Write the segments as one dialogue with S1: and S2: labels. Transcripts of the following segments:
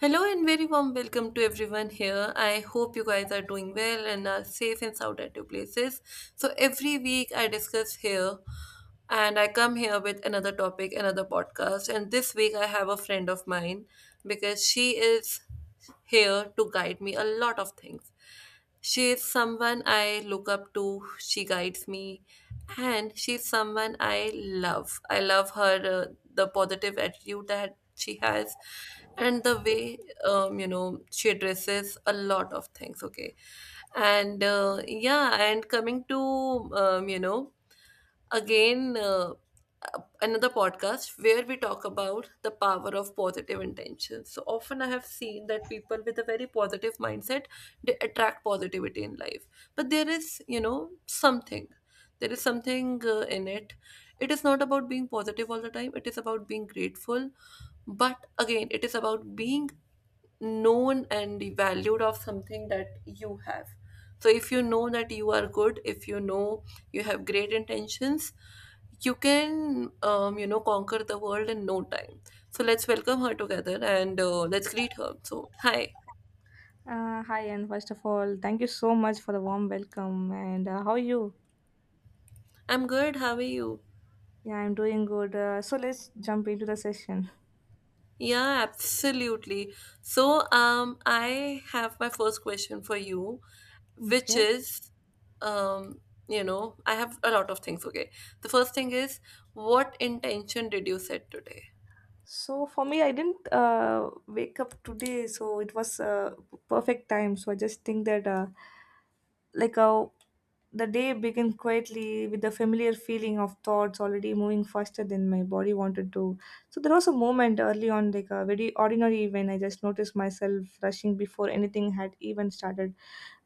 S1: Hello and very warm welcome to everyone here. I hope you guys are doing well and are safe and sound at your places. So every week I discuss here and I come here with another topic, another podcast. And this week I have a friend of mine because she is here to guide me a lot of things. She's someone I look up to. She guides me, and she's someone I love. I love her, the positive attitude that she has, and the way she addresses a lot of things. Okay, and coming to um, you know again, another podcast where we talk about the power of positive intentions. So often I have seen that people with a very positive mindset, they attract positivity in life. But there is, you know, something. There is something, in it. It is not about being positive all the time. It is about being grateful. But again, it is about being known and the valued of something that you have. So if you know that you are good, if you know you have great intentions, you can you know conquer the world in no time. So let's welcome her together and let's greet her. So hi,
S2: Hi, and first of all, thank you so much for the warm welcome. And how are you?
S1: I'm good. How are you?
S2: Yeah, I'm doing good. So let's jump into the session.
S1: Yeah, absolutely. So I have my first question for you, which
S2: Okay.
S1: is um, you know I have a lot of things. Okay, the first thing is, what intention did you set today?
S2: So for me, I didn't wake up today, so it was perfect time. So I just think that, like, the day began quietly with the familiar feeling of thoughts already moving faster than my body wanted to. So there was a moment early on, like a very ordinary, when I just noticed myself rushing before anything had even started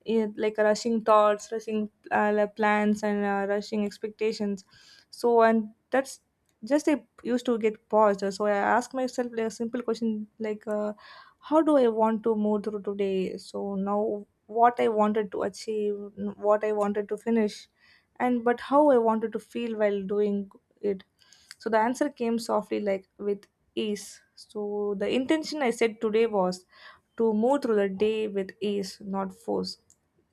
S2: it, like rushing thoughts rushing like plans and rushing expectations. So and that's just I used to get paused. So I ask myself, like, a simple question like how do I want to move through today? So now what I wanted to achieve, what I wanted to finish, and but how I wanted to feel while doing it. So the answer came softly, like with ease. So the intention I said today was to move through the day with ease, not force.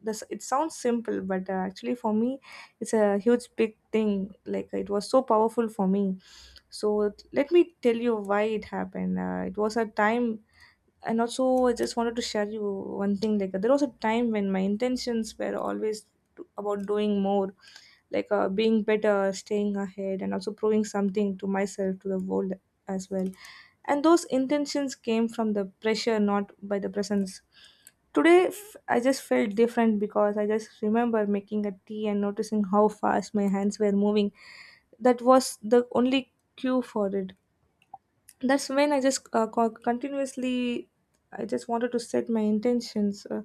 S2: This, it sounds simple, but actually for me, it's a huge big thing. Like it was so powerful for me. So let me tell you why it happened. It was a time. And also I just wanted to share you one thing, like there was a time when my intentions were always about doing more, like being better, staying ahead, and also proving something to myself, to the world as well. And those intentions came from the pressure, not by the presence. Today I just felt different because I just remember making a tea and noticing how fast my hands were moving. That was the only cue for it. That's when I just continuously I just wanted to set my intentions,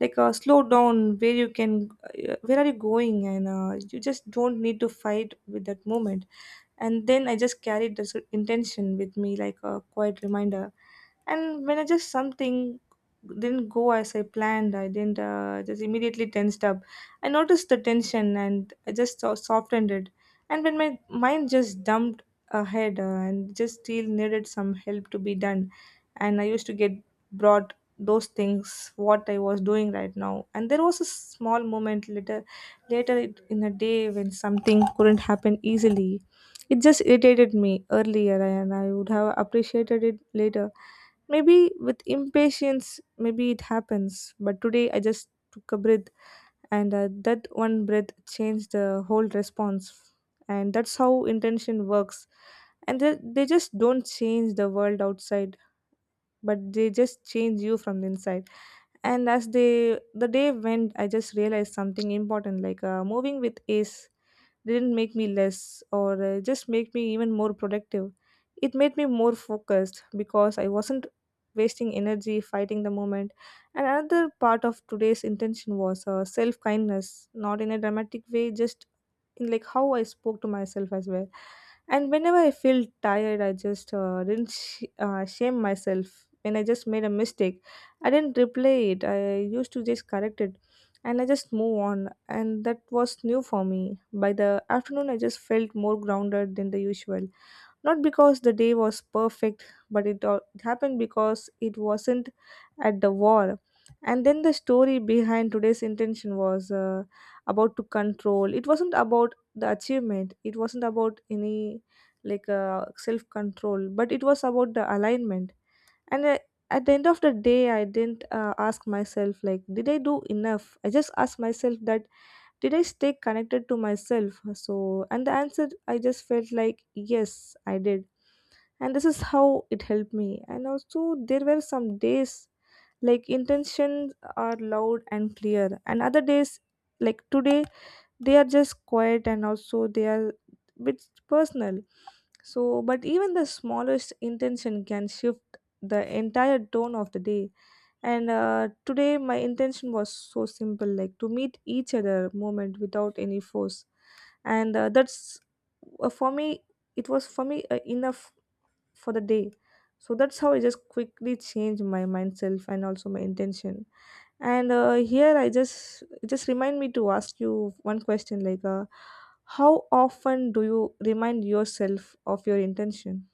S2: like slow down where you can, where are you going, and you just don't need to fight with that moment. And then I just carried this intention with me like a quiet reminder. And when I just something didn't go as I planned, I didn't just immediately tensed up. I noticed the tension and I just softened it. And when my mind just dumped ahead, and just still needed some help to be done, and I used to get brought those things what I was doing right now. And there was a small moment later, in a day when something couldn't happen easily, it just irritated me earlier, and I would have appreciated it later. Maybe with impatience, maybe it happens. But today I just took a breath, and that one breath changed the whole response. And that's how intention works. And they just don't change the world outside, but they just change you from the inside. And as they the day went, I just realized something important, like moving with ease. They didn't make me less or just make me even more productive. It made me more focused because I wasn't wasting energy fighting the moment. And another part of today's intention was self kindness, not in a dramatic way, just in like how I spoke to myself as well. And whenever I feel tired, I just didn't shame myself when I just made a mistake. I didn't replay it. I used to just correct it, and I just move on. And that was new for me. By the afternoon, I just felt more grounded than the usual. Not because the day was perfect, but it happened because it wasn't at the war. And then the story behind today's intention was about to control. It wasn't about the achievement. It wasn't about any like self control, but it was about the alignment. And at the end of the day, I didn't ask myself, like, did I do enough? I just asked myself that, did I stay connected to myself? So, and the answer I just felt like, yes, I did. And this is how it helped me. And also there were some days, like intentions are loud and clear, and other days like today, they are just quiet, and also they are bit personal. So but even the smallest intention can shift the entire tone of the day. And today my intention was so simple, like to meet each other moment without any force. And that's for me it was for me enough for the day. So that's how I just quickly change my mind, self, and also my intention. And here I just it just remind me to ask you one question, like how often do you remind yourself of your intention?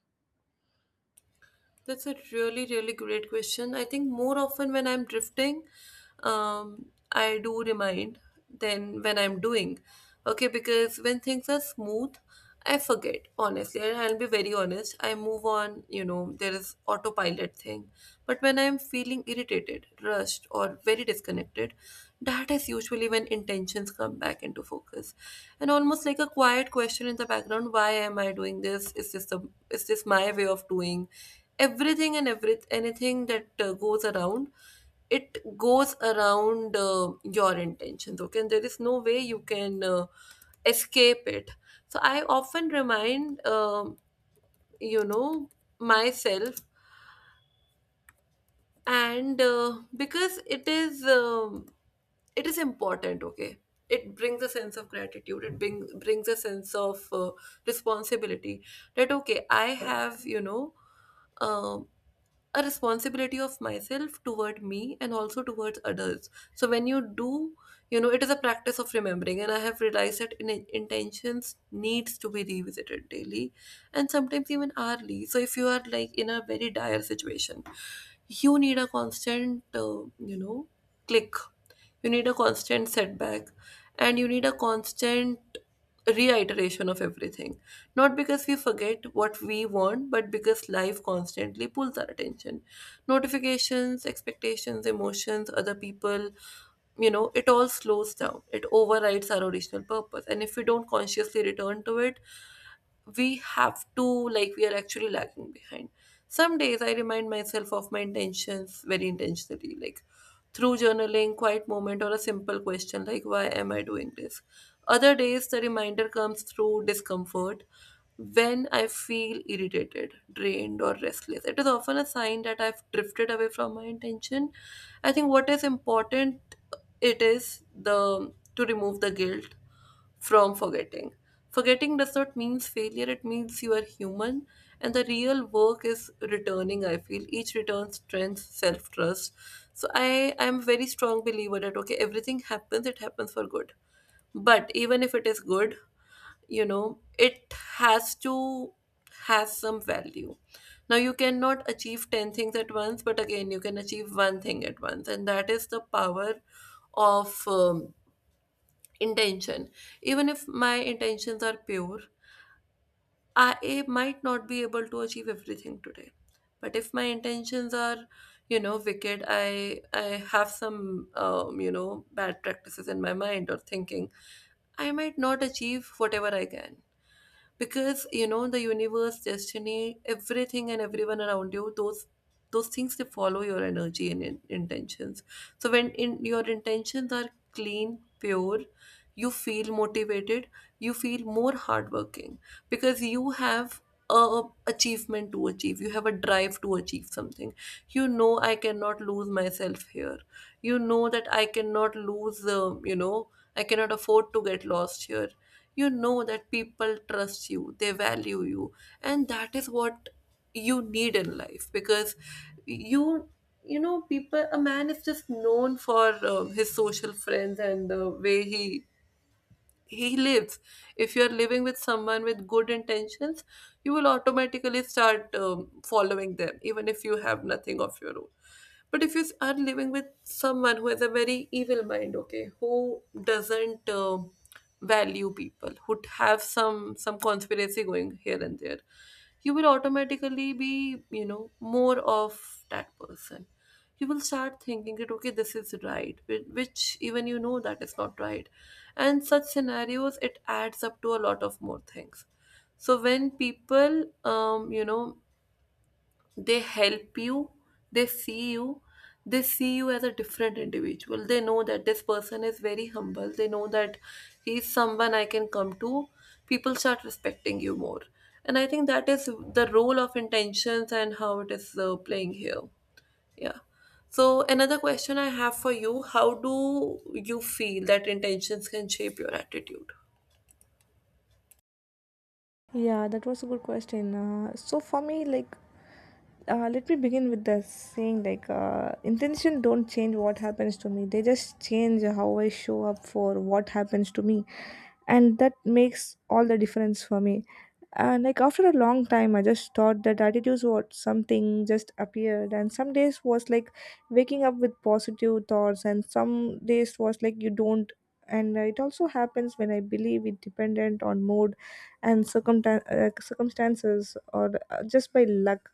S1: That's a really, really great question. I think more often when I'm drifting, um, I do remind than when I'm doing. Okay, because when things are smooth, I forget, honestly. And I'll be very honest. I move on, you know, there is autopilot thing. But when I'm feeling irritated, rushed, or very disconnected, that is usually when intentions come back into focus. And almost like a quiet question in the background, why am I doing this? Is this the is this my way of doing everything? And every anything that goes around, it goes around your intentions. Okay, and there is no way you can escape it. So I often remind you know myself, and because it is important. Okay, it brings a sense of gratitude, it brings a sense of responsibility, that okay, I have, you know, um, a responsibility of myself toward me and also towards others. So when you do, you know, it is a practice of remembering, and I have realized that in intentions needs to be revisited daily and sometimes even hourly. So if you are like in a very dire situation, you need a constant, you know click, you need a constant setback, and you need a constant reiteration of everything. Not because we forget what we want, but because life constantly pulls our attention. Notifications, expectations, emotions, other people, you know, it all slows down. It overrides our original purpose. And if we don't consciously return to it, we have to, like, we are actually lagging behind. Some days I remind myself of my intentions very intentionally, like through journaling, quiet moment, or a simple question like, why am I doing this? Other days the reminder comes through discomfort. When I feel irritated, drained, or restless, it is often a sign that I've drifted away from my intention. I think what is important, it is the to remove the guilt from forgetting. Forgetting does not mean failure, it means you are human, and the real work is returning. I feel each return strength, self trust. So, I am a very strong believer that okay, everything happens, it happens for good. But even if it is good, you know, it has to has some value. Now, you cannot achieve 10 things at once, but again, you can achieve one thing at once, and that is the power of intention. Even if my intentions are pure, I might not be able to achieve everything today. But if my intentions are, you know, wicked, I have some, bad practices in my mind or thinking, I might not achieve whatever I can. Because, you know, the universe, destiny, everything and everyone around you, those things, they follow your energy and intentions. So when in your intentions are clean, pure, you feel motivated, you feel more hardworking, because you have a achievement to achieve, you have a drive to achieve something. You know, I cannot lose myself here. You know that I cannot lose, I cannot afford to get lost here. You know that people trust you, they value you, and that is what you need in life. Because you you know, people, a man is just known for his social friends and the way he lives. If you're living with someone with good intentions, you will automatically start following them, even if you have nothing of your own. But if you are living with someone who has a very evil mind, okay, who doesn't value people, who have some conspiracy going here and there, you will automatically be, you know, more of that person. You will start thinking that okay, this is right, which even you know that is not right. And such scenarios, it adds up to a lot of more things. So when people, they help you, they see you, they see you as a different individual. They know that this person is very humble, they know that he's someone I can come to. People start respecting you more. And I think that is the role of intentions and how it is playing here. Yeah, so another question I have for you, how do you feel that intentions can shape your attitude?
S2: Yeah, that was a good question. So for me, like let me begin with the saying, like intention don't change what happens to me, they just change how I show up for what happens to me. And that makes all the difference for me. And like after a long time I just thought that attitudes were something just appeared. And some days was like waking up with positive thoughts, and some days was like you don't. And it also happens when I believe it dependent on mood and circumstances or just by luck.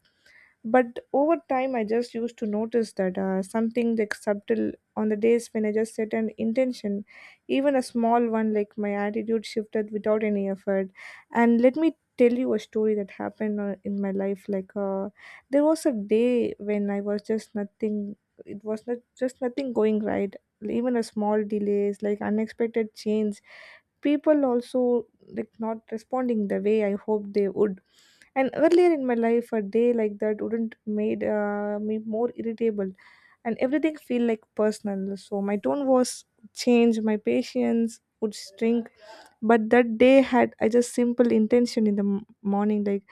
S2: But over time I just used to notice that something like subtle on the days when I just set an intention, even a small one, like my attitude shifted without any effort. And let me tell you a story that happened in my life, like there was a day when I was just nothing. It was not just nothing going right. Even a small delays like unexpected change, people also like not responding the way I hoped they would. And earlier in my life, a day like that wouldn't made me more irritable, and everything feel like personal. So my tone was changed, my patience would shrink, but that day had I just simple intention in the morning, like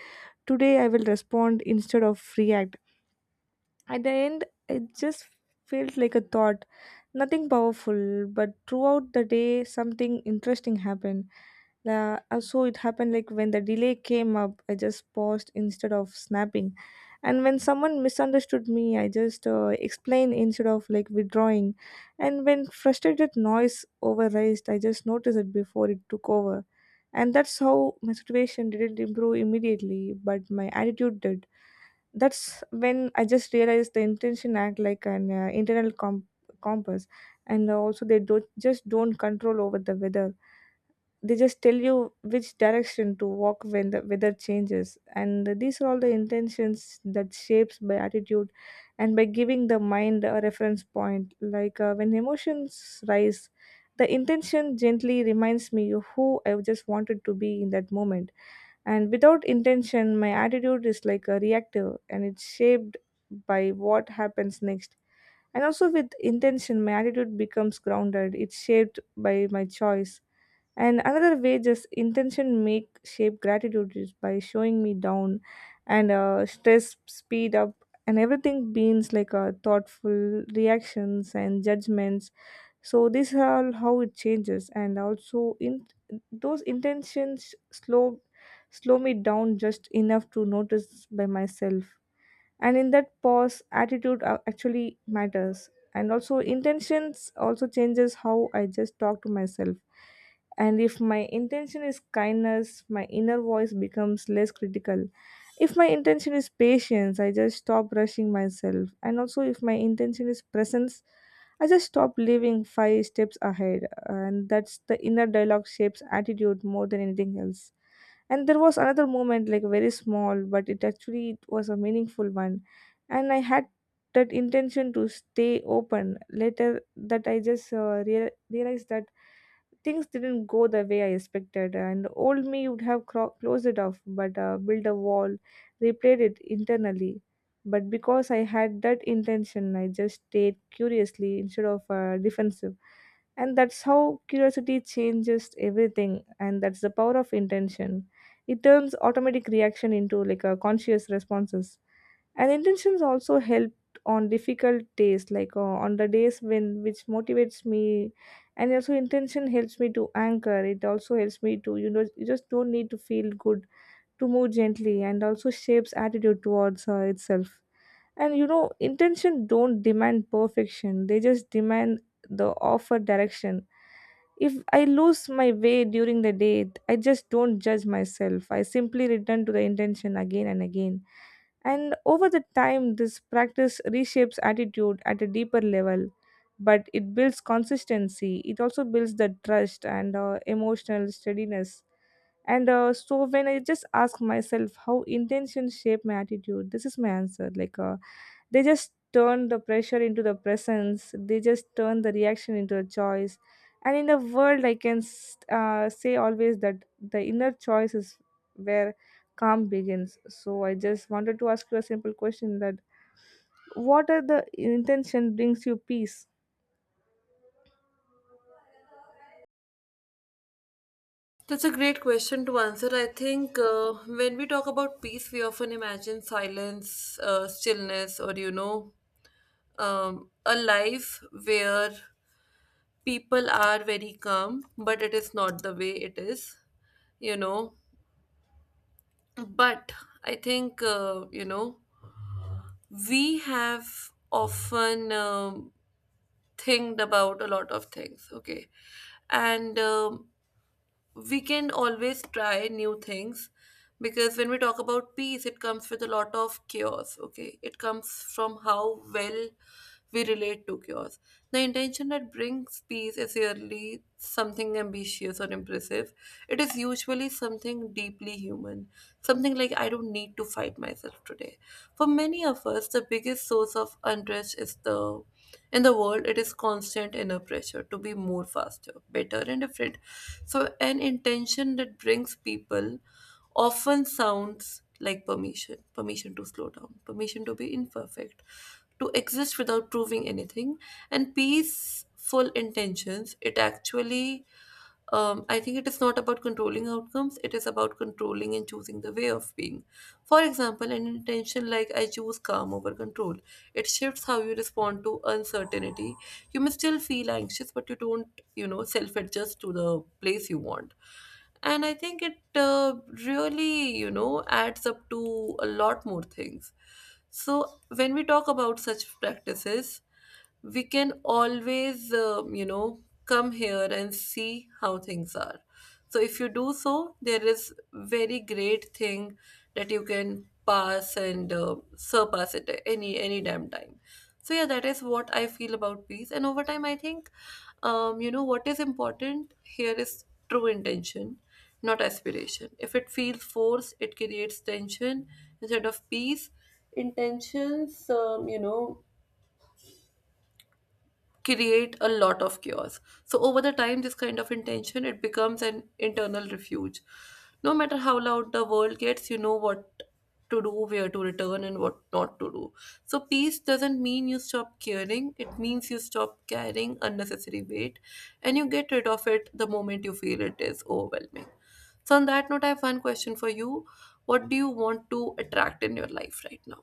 S2: today I will respond instead of react. At the end, it just felt like a thought. Nothing powerful, but throughout the day, something interesting happened. So it happened like when the delay came up, I just paused instead of snapping. And when someone misunderstood me, I just explained instead of like withdrawing. And when frustrated noise overrised, I just noticed it before it took over. And that's how my situation didn't improve immediately, but my attitude did. That's when I just realized the intention act like an internal compass. And also they don't control over the weather. They just tell you which direction to walk when the weather changes. And these are all the intentions that shapes by attitude. And by giving the mind a reference point, like when emotions rise, the intention gently reminds me of who I just wanted to be in that moment. And without intention, my attitude is like a reactive, and it's shaped by what happens next. And also with intention, my attitude becomes grounded. It's shaped by my choice. And another way just intention make shape gratitude is by showing me down, and stress speed up, and everything beings like thoughtful reactions and judgments. So this all how it changes. And also in those intentions slow me down just enough to notice by myself. And in that pause attitude actually matters. And also intentions also changes how I just talk to myself. And if my intention is kindness, my inner voice becomes less critical. If my intention is patience, I just stop rushing myself. And also if my intention is presence, I just stop living five steps ahead. And that's the inner dialogue shapes attitude more than anything else. And there was another moment, like very small, but it actually, it was a meaningful one. And I had that intention to stay open later that I just realized that things didn't go the way I expected, and old me would have closed it off, but built a wall, replayed it internally. But because I had that intention, I just stayed curiously instead of defensive. And that's how curiosity changes everything. And that's the power of intention. It turns automatic reaction into like a conscious responses. And intentions also help on difficult days, like on the days when which motivates me. And also intention helps me to anchor. It also helps me to, you just don't need to feel good to move gently, and also shapes attitude towards itself. And intention don't demand perfection, they just demand the offer direction. If I lose my way during the day, I just don't judge myself. I simply return to the intention again and again. And over the time this practice reshapes attitude at a deeper level, but it builds consistency. It also builds the trust and emotional steadiness. And uh, so when I just ask myself how intention shape my attitude, this is my answer. They just turn the pressure into the presence, they just turn the reaction into a choice. And in the world, I can say always that the inner choice is where calm begins. So I just wanted to ask you a simple question that what are the intention brings you peace?
S1: That's a great question to answer. I think when we talk about peace, we often imagine silence, stillness, or you know, a life where people are very calm, but it is not the way it is, you know. But I think, you know, we have often thinked about a lot of things, okay? And we can always try new things. Because when we talk about peace, it comes with a lot of chaos. Okay, it comes from how well we relate to chaos. The intention that brings peace is rarely something ambitious or impressive. It is usually something deeply human, something like, I don't need to fight myself today. For many of us, the biggest source of unrest is the in the world. It is constant inner pressure to be more, faster, better, and different. So, an intention that brings people often sounds like permission, permission to slow down, permission to be imperfect, to exist without proving anything. And peaceful intentions, it actually, I think, it is not about controlling outcomes, it is about controlling and choosing the way of being. For example, an intention like, I choose calm over control, it shifts how you respond to uncertainty. You may still feel anxious, but you don't, you know, self adjust to the place you want. And I think it, really, you know, adds up to a lot more things. So when we talk about such practices, we can always, come here and see how things are. So if you do, so there is very great thing that you can pass and surpass it, any damn time. So yeah, that is what I feel about peace. And over time, I think, you know, what is important here is true intention, not aspiration. If it feels forced, it creates tension instead of peace. Intentions, create a lot of chaos. So over the time, this kind of intention, it becomes an internal refuge. No matter how loud the world gets, you know what to do, where to return, and what not to do. So peace doesn't mean you stop caring. It means you stop carrying unnecessary weight, and you get rid of it the moment you feel it is overwhelming. So on that note, I have one question for you. What do you want to attract in your life right now?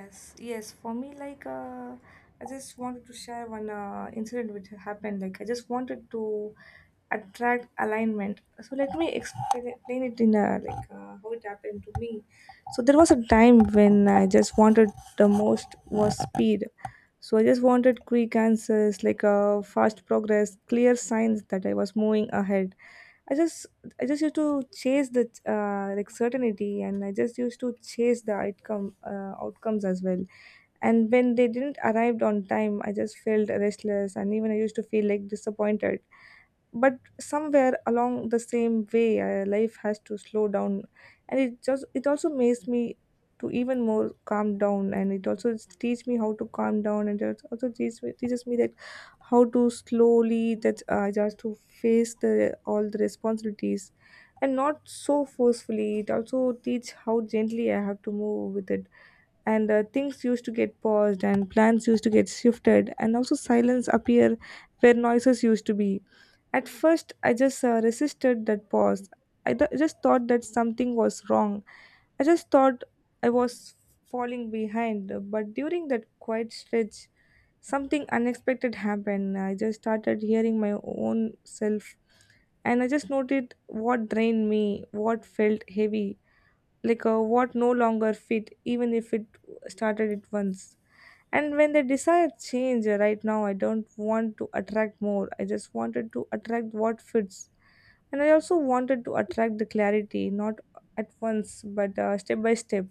S2: Yes, yes. For me, I just wanted to share one incident which happened. Like, I just wanted to attract alignment. So let me explain it in a how it happened to me. So there was a time when I just wanted the most was speed. So I just wanted quick answers, fast progress, clear signs that I was moving ahead. I just I just used to chase the like certainty, and I just used to chase the outcomes as well. And when they didn't arrived on time, I just felt restless, and even I used to feel like disappointed. But somewhere along the same way, life has to slow down. And it also makes me to even more calm down, and it also teach me how to calm down, and it also teaches me that how to slowly that just to face the all the responsibilities and not so forcefully. It also teach how gently I have to move with it. And things used to get paused, and plans used to get shifted, and also silence appear where noises used to be. At first I just resisted that pause. I just thought that something was wrong. I just thought I was falling behind. But during that quiet stretch, something unexpected happened. I just started hearing my own self, and I just noted what drained me, what felt heavy, what no longer fit, even if it started it once. And when the desire change, right now I don't want to attract more. I just wanted to attract what fits. And I also wanted to attract the clarity, not at once, but step by step.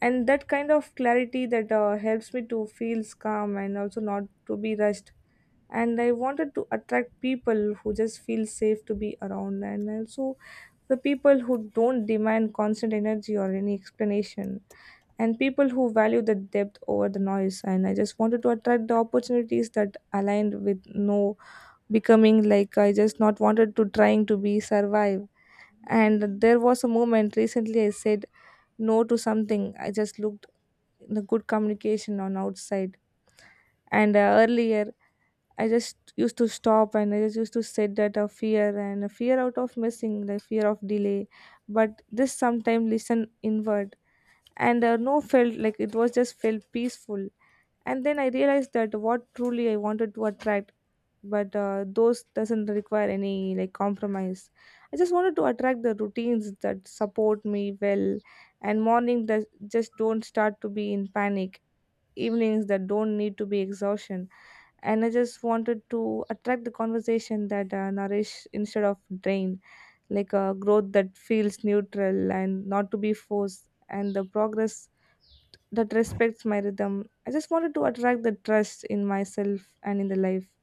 S2: And that kind of clarity that helps me to feel calm and also not to be rushed. And I wanted to attract people who just feel safe to be around, and also the people who don't demand constant energy or any explanation, and people who value the depth over the noise. And I just wanted to attract the opportunities that aligned with no becoming, like I just not wanted to trying to be survive. And there was a moment recently I said no to something. I just looked the good communication on outside, and earlier I just used to stop, and I just used to sit that a fear, and a fear out of missing, the fear of delay. But this sometime listen inward, and no felt like it was just felt peaceful. And then I realized that what truly I wanted to attract, but those doesn't require any like compromise. I just wanted to attract the routines that support me well, and morning that just don't start to be in panic, evenings that don't need to be exhaustion, and I just wanted to attract the conversation that nourish instead of drain, like a growth that feels neutral and not to be forced, and the progress that respects my rhythm. I just wanted to attract the trust in myself and in the life.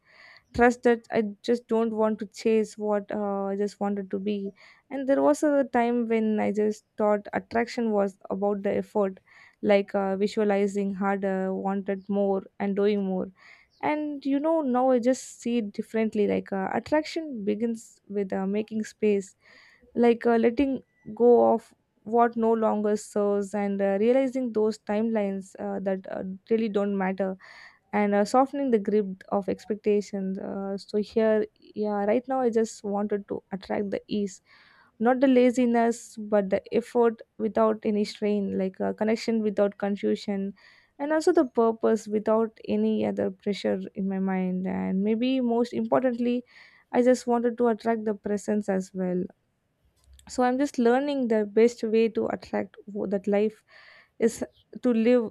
S2: Trust that I just don't want to chase what I just wanted to be. And there was a time when I just thought attraction was about the effort, like visualizing harder, wanted more, and doing more. And you know, now I just see it differently. Attraction begins with making space, letting go of what no longer serves, and realizing those timelines that really don't matter, and softening the grip of expectations. So here, yeah, right now I just wanted to attract the ease, not the laziness, but the effort without any strain, like a connection without confusion, and also the purpose without any other pressure in my mind. And maybe most importantly, I just wanted to attract the presence as well. So I'm just learning the best way to attract that life is to live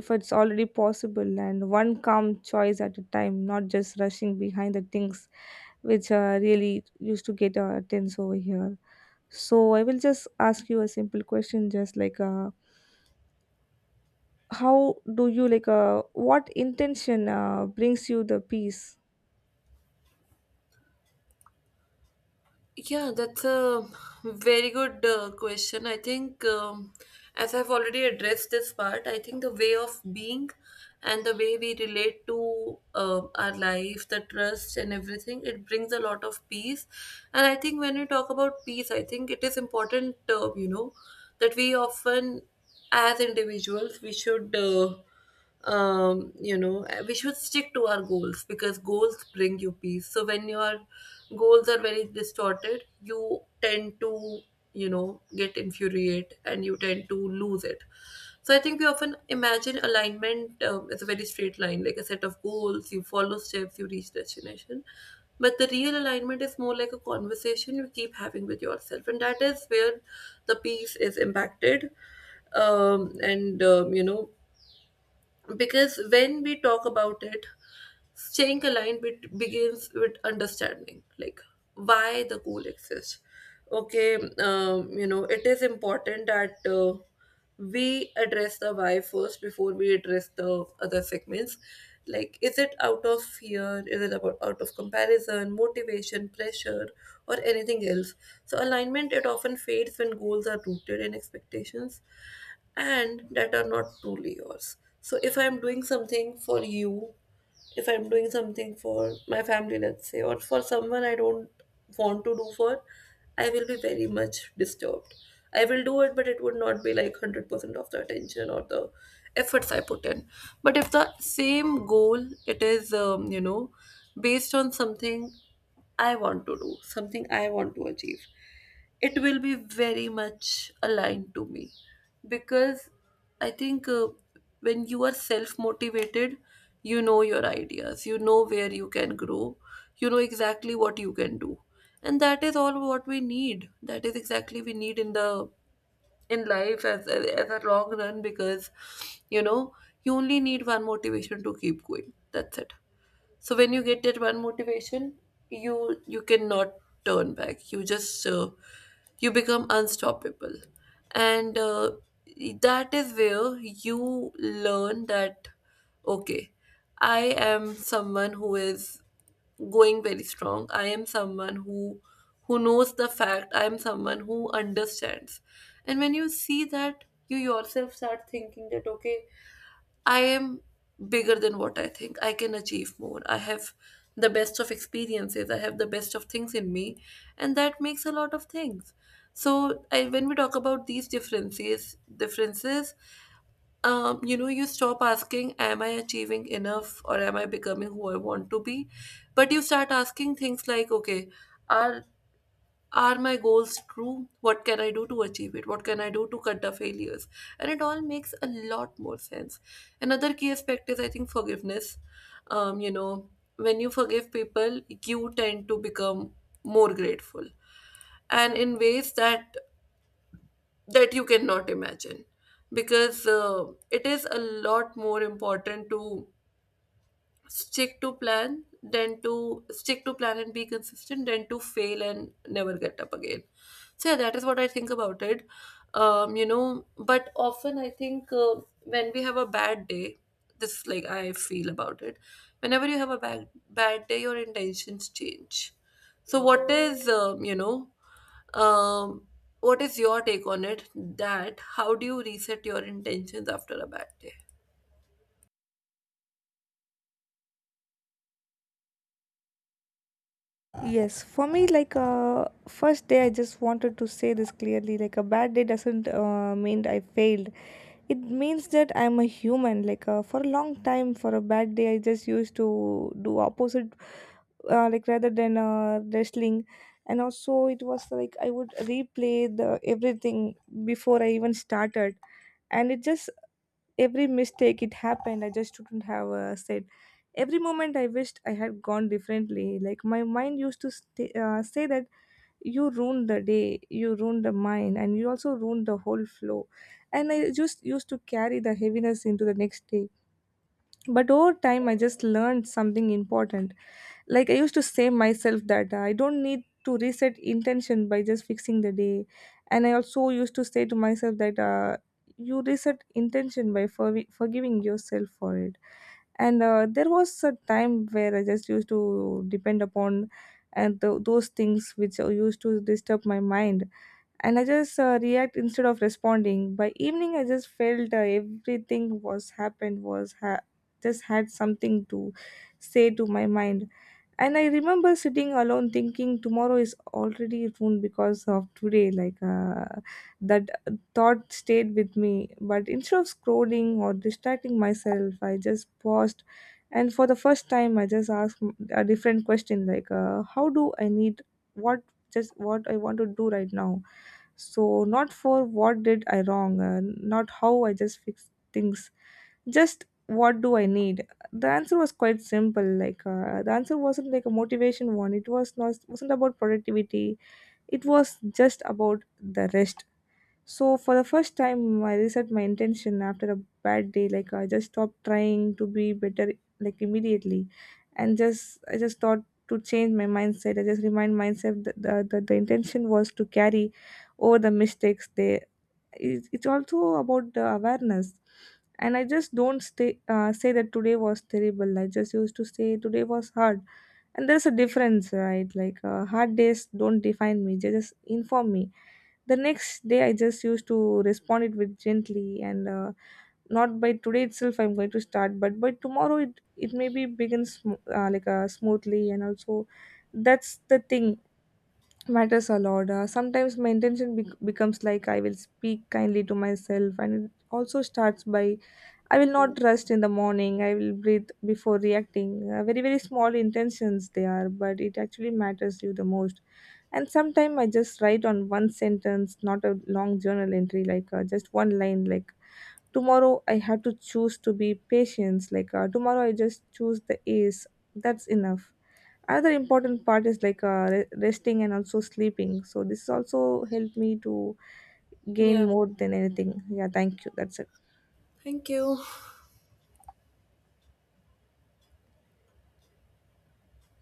S2: if it's already possible, and one calm choice at a time, not just rushing behind the things which really used to get our attention over here. So I will just ask you a simple question, just how do you what intention brings you the peace?
S1: Yeah, that's a very good question. I think, as I've already addressed this part, I think the way of being and the way we relate to our life, the trust and everything, it brings a lot of peace. And I think when we talk about peace, I think it is important, you know, that we often, as individuals, we should. We should stick to our goals because goals bring you peace. So when your goals are very distorted you tend to, you know, get infuriate and you tend to lose it. So I think we often imagine alignment as a very straight line, like a set of goals, you follow steps, you reach destination. But the real alignment is more like a conversation you keep having with yourself, and that is where the peace is impacted. And you know Because when we talk about it, staying aligned begins with understanding, like why the goal exists. Okay. It is important that we address the why first before we address the other segments. Like, is it out of fear? Is it about out of comparison, motivation, pressure, or anything else? So, alignment it often fades when goals are rooted in expectations and that are not truly yours. So, if I'm doing something for you, if I'm doing something for my family, let's say, or for someone I don't want to do for, I will be very much disturbed. I will do it, but it would not be like 100% of the attention or the efforts I put in. But if the same goal, it is, based on something I want to do, something I want to achieve, it will be very much aligned to me. Because I think when you are self motivated, you know your ideas, you know where you can grow, you know exactly what you can do, and that is all what we need. That is exactly we need in the in life as a long run. Because you know, you only need one motivation to keep going. That's it. So when you get that one motivation, you you cannot turn back, you just you become unstoppable. And that is where you learn that okay, I am someone who is going very strong, I am someone who knows the fact, I am someone who understands. And when you see that, you yourself start thinking that okay, I am bigger than what I think. I can achieve more. I have the best of experiences. I have the best of things in me, and that makes a lot of things. So, I, when we talk about these differences, you stop asking, "Am I achieving enough, or am I becoming who I want to be?" But you start asking things like, "Okay, are are my goals true? What can I do to achieve it? What can I do to cut the failures?" And it all makes a lot more sense. Another key aspect is, I think, forgiveness. Um, you know, when you forgive people, you tend to become more grateful, and in ways that that you cannot imagine. Because it is a lot more important to stick to plan, then to stick to plan and be consistent, then to fail and never get up again. So yeah, that is what I think about it. But often I think when we have a bad day, this is like I feel about it, whenever you have a bad day your intentions change. So what is um what is your take on it, that how do you reset your intentions after a bad day?
S2: Yes, for me, first day, I just wanted to say this clearly. Like, a bad day doesn't mean I failed. It means that I'm a human. For a long time, for a bad day, I just used to do opposite, like rather than wrestling, and also it was like I would replay the everything before I even started, and it just every mistake it happened, I just shouldn't have said every moment I wished I had gone differently. Like my mind used to say that you ruined the day, you ruined the mind, and you also ruined the whole flow, and I just used to carry the heaviness into the next day. But over time I just learned something important. Like, I used to say myself that I don't need to reset intention by just fixing the day. And I also used to say to myself that you reset intention by forgiving yourself for it. And there was a time where I just used to depend upon and those things which used to disturb my mind, and I just react instead of responding. By evening, I just felt everything was happened was just had something to say to my mind. And I remember sitting alone thinking tomorrow is already ruined because of today. That thought stayed with me. But instead of scrolling or distracting myself, I just paused, and for the first time I just asked a different question, how do I need, what, just what I want to do right now. So not for what did I wrong, not how I just fix things, just what do I need. The answer was quite simple. The answer wasn't like a motivation one. It was not wasn't about productivity. It was just about the rest. So for the first time I reset my intention after a bad day. Like, I just stopped trying to be better, like immediately. And just I just thought, to change my mindset, I just remind myself that the intention was to carry over the mistakes. They, it's also about the awareness. And I just don't stay say that today was terrible. I just used to say today was hard. And there's a difference, right? Hard days don't define me, they just inform me. The next day I just used to respond it with gently, and not by today itself I'm going to start, but by tomorrow it maybe begins smoothly, and also that's the thing matters a lot. Sometimes my intention becomes like I will speak kindly to myself, and it also starts by I will not rest in the morning, I will breathe before reacting. Very, very small intentions they are, but it actually matters you the most. And sometimes I just write on one sentence, not a long journal entry, just one line, like tomorrow I have to choose to be patient, tomorrow I just choose the ace. That's enough. Another important part is like resting and also sleeping. So this also helped me to gain
S1: Yeah,
S2: more than anything. Yeah, thank you. That's it.
S1: thank you.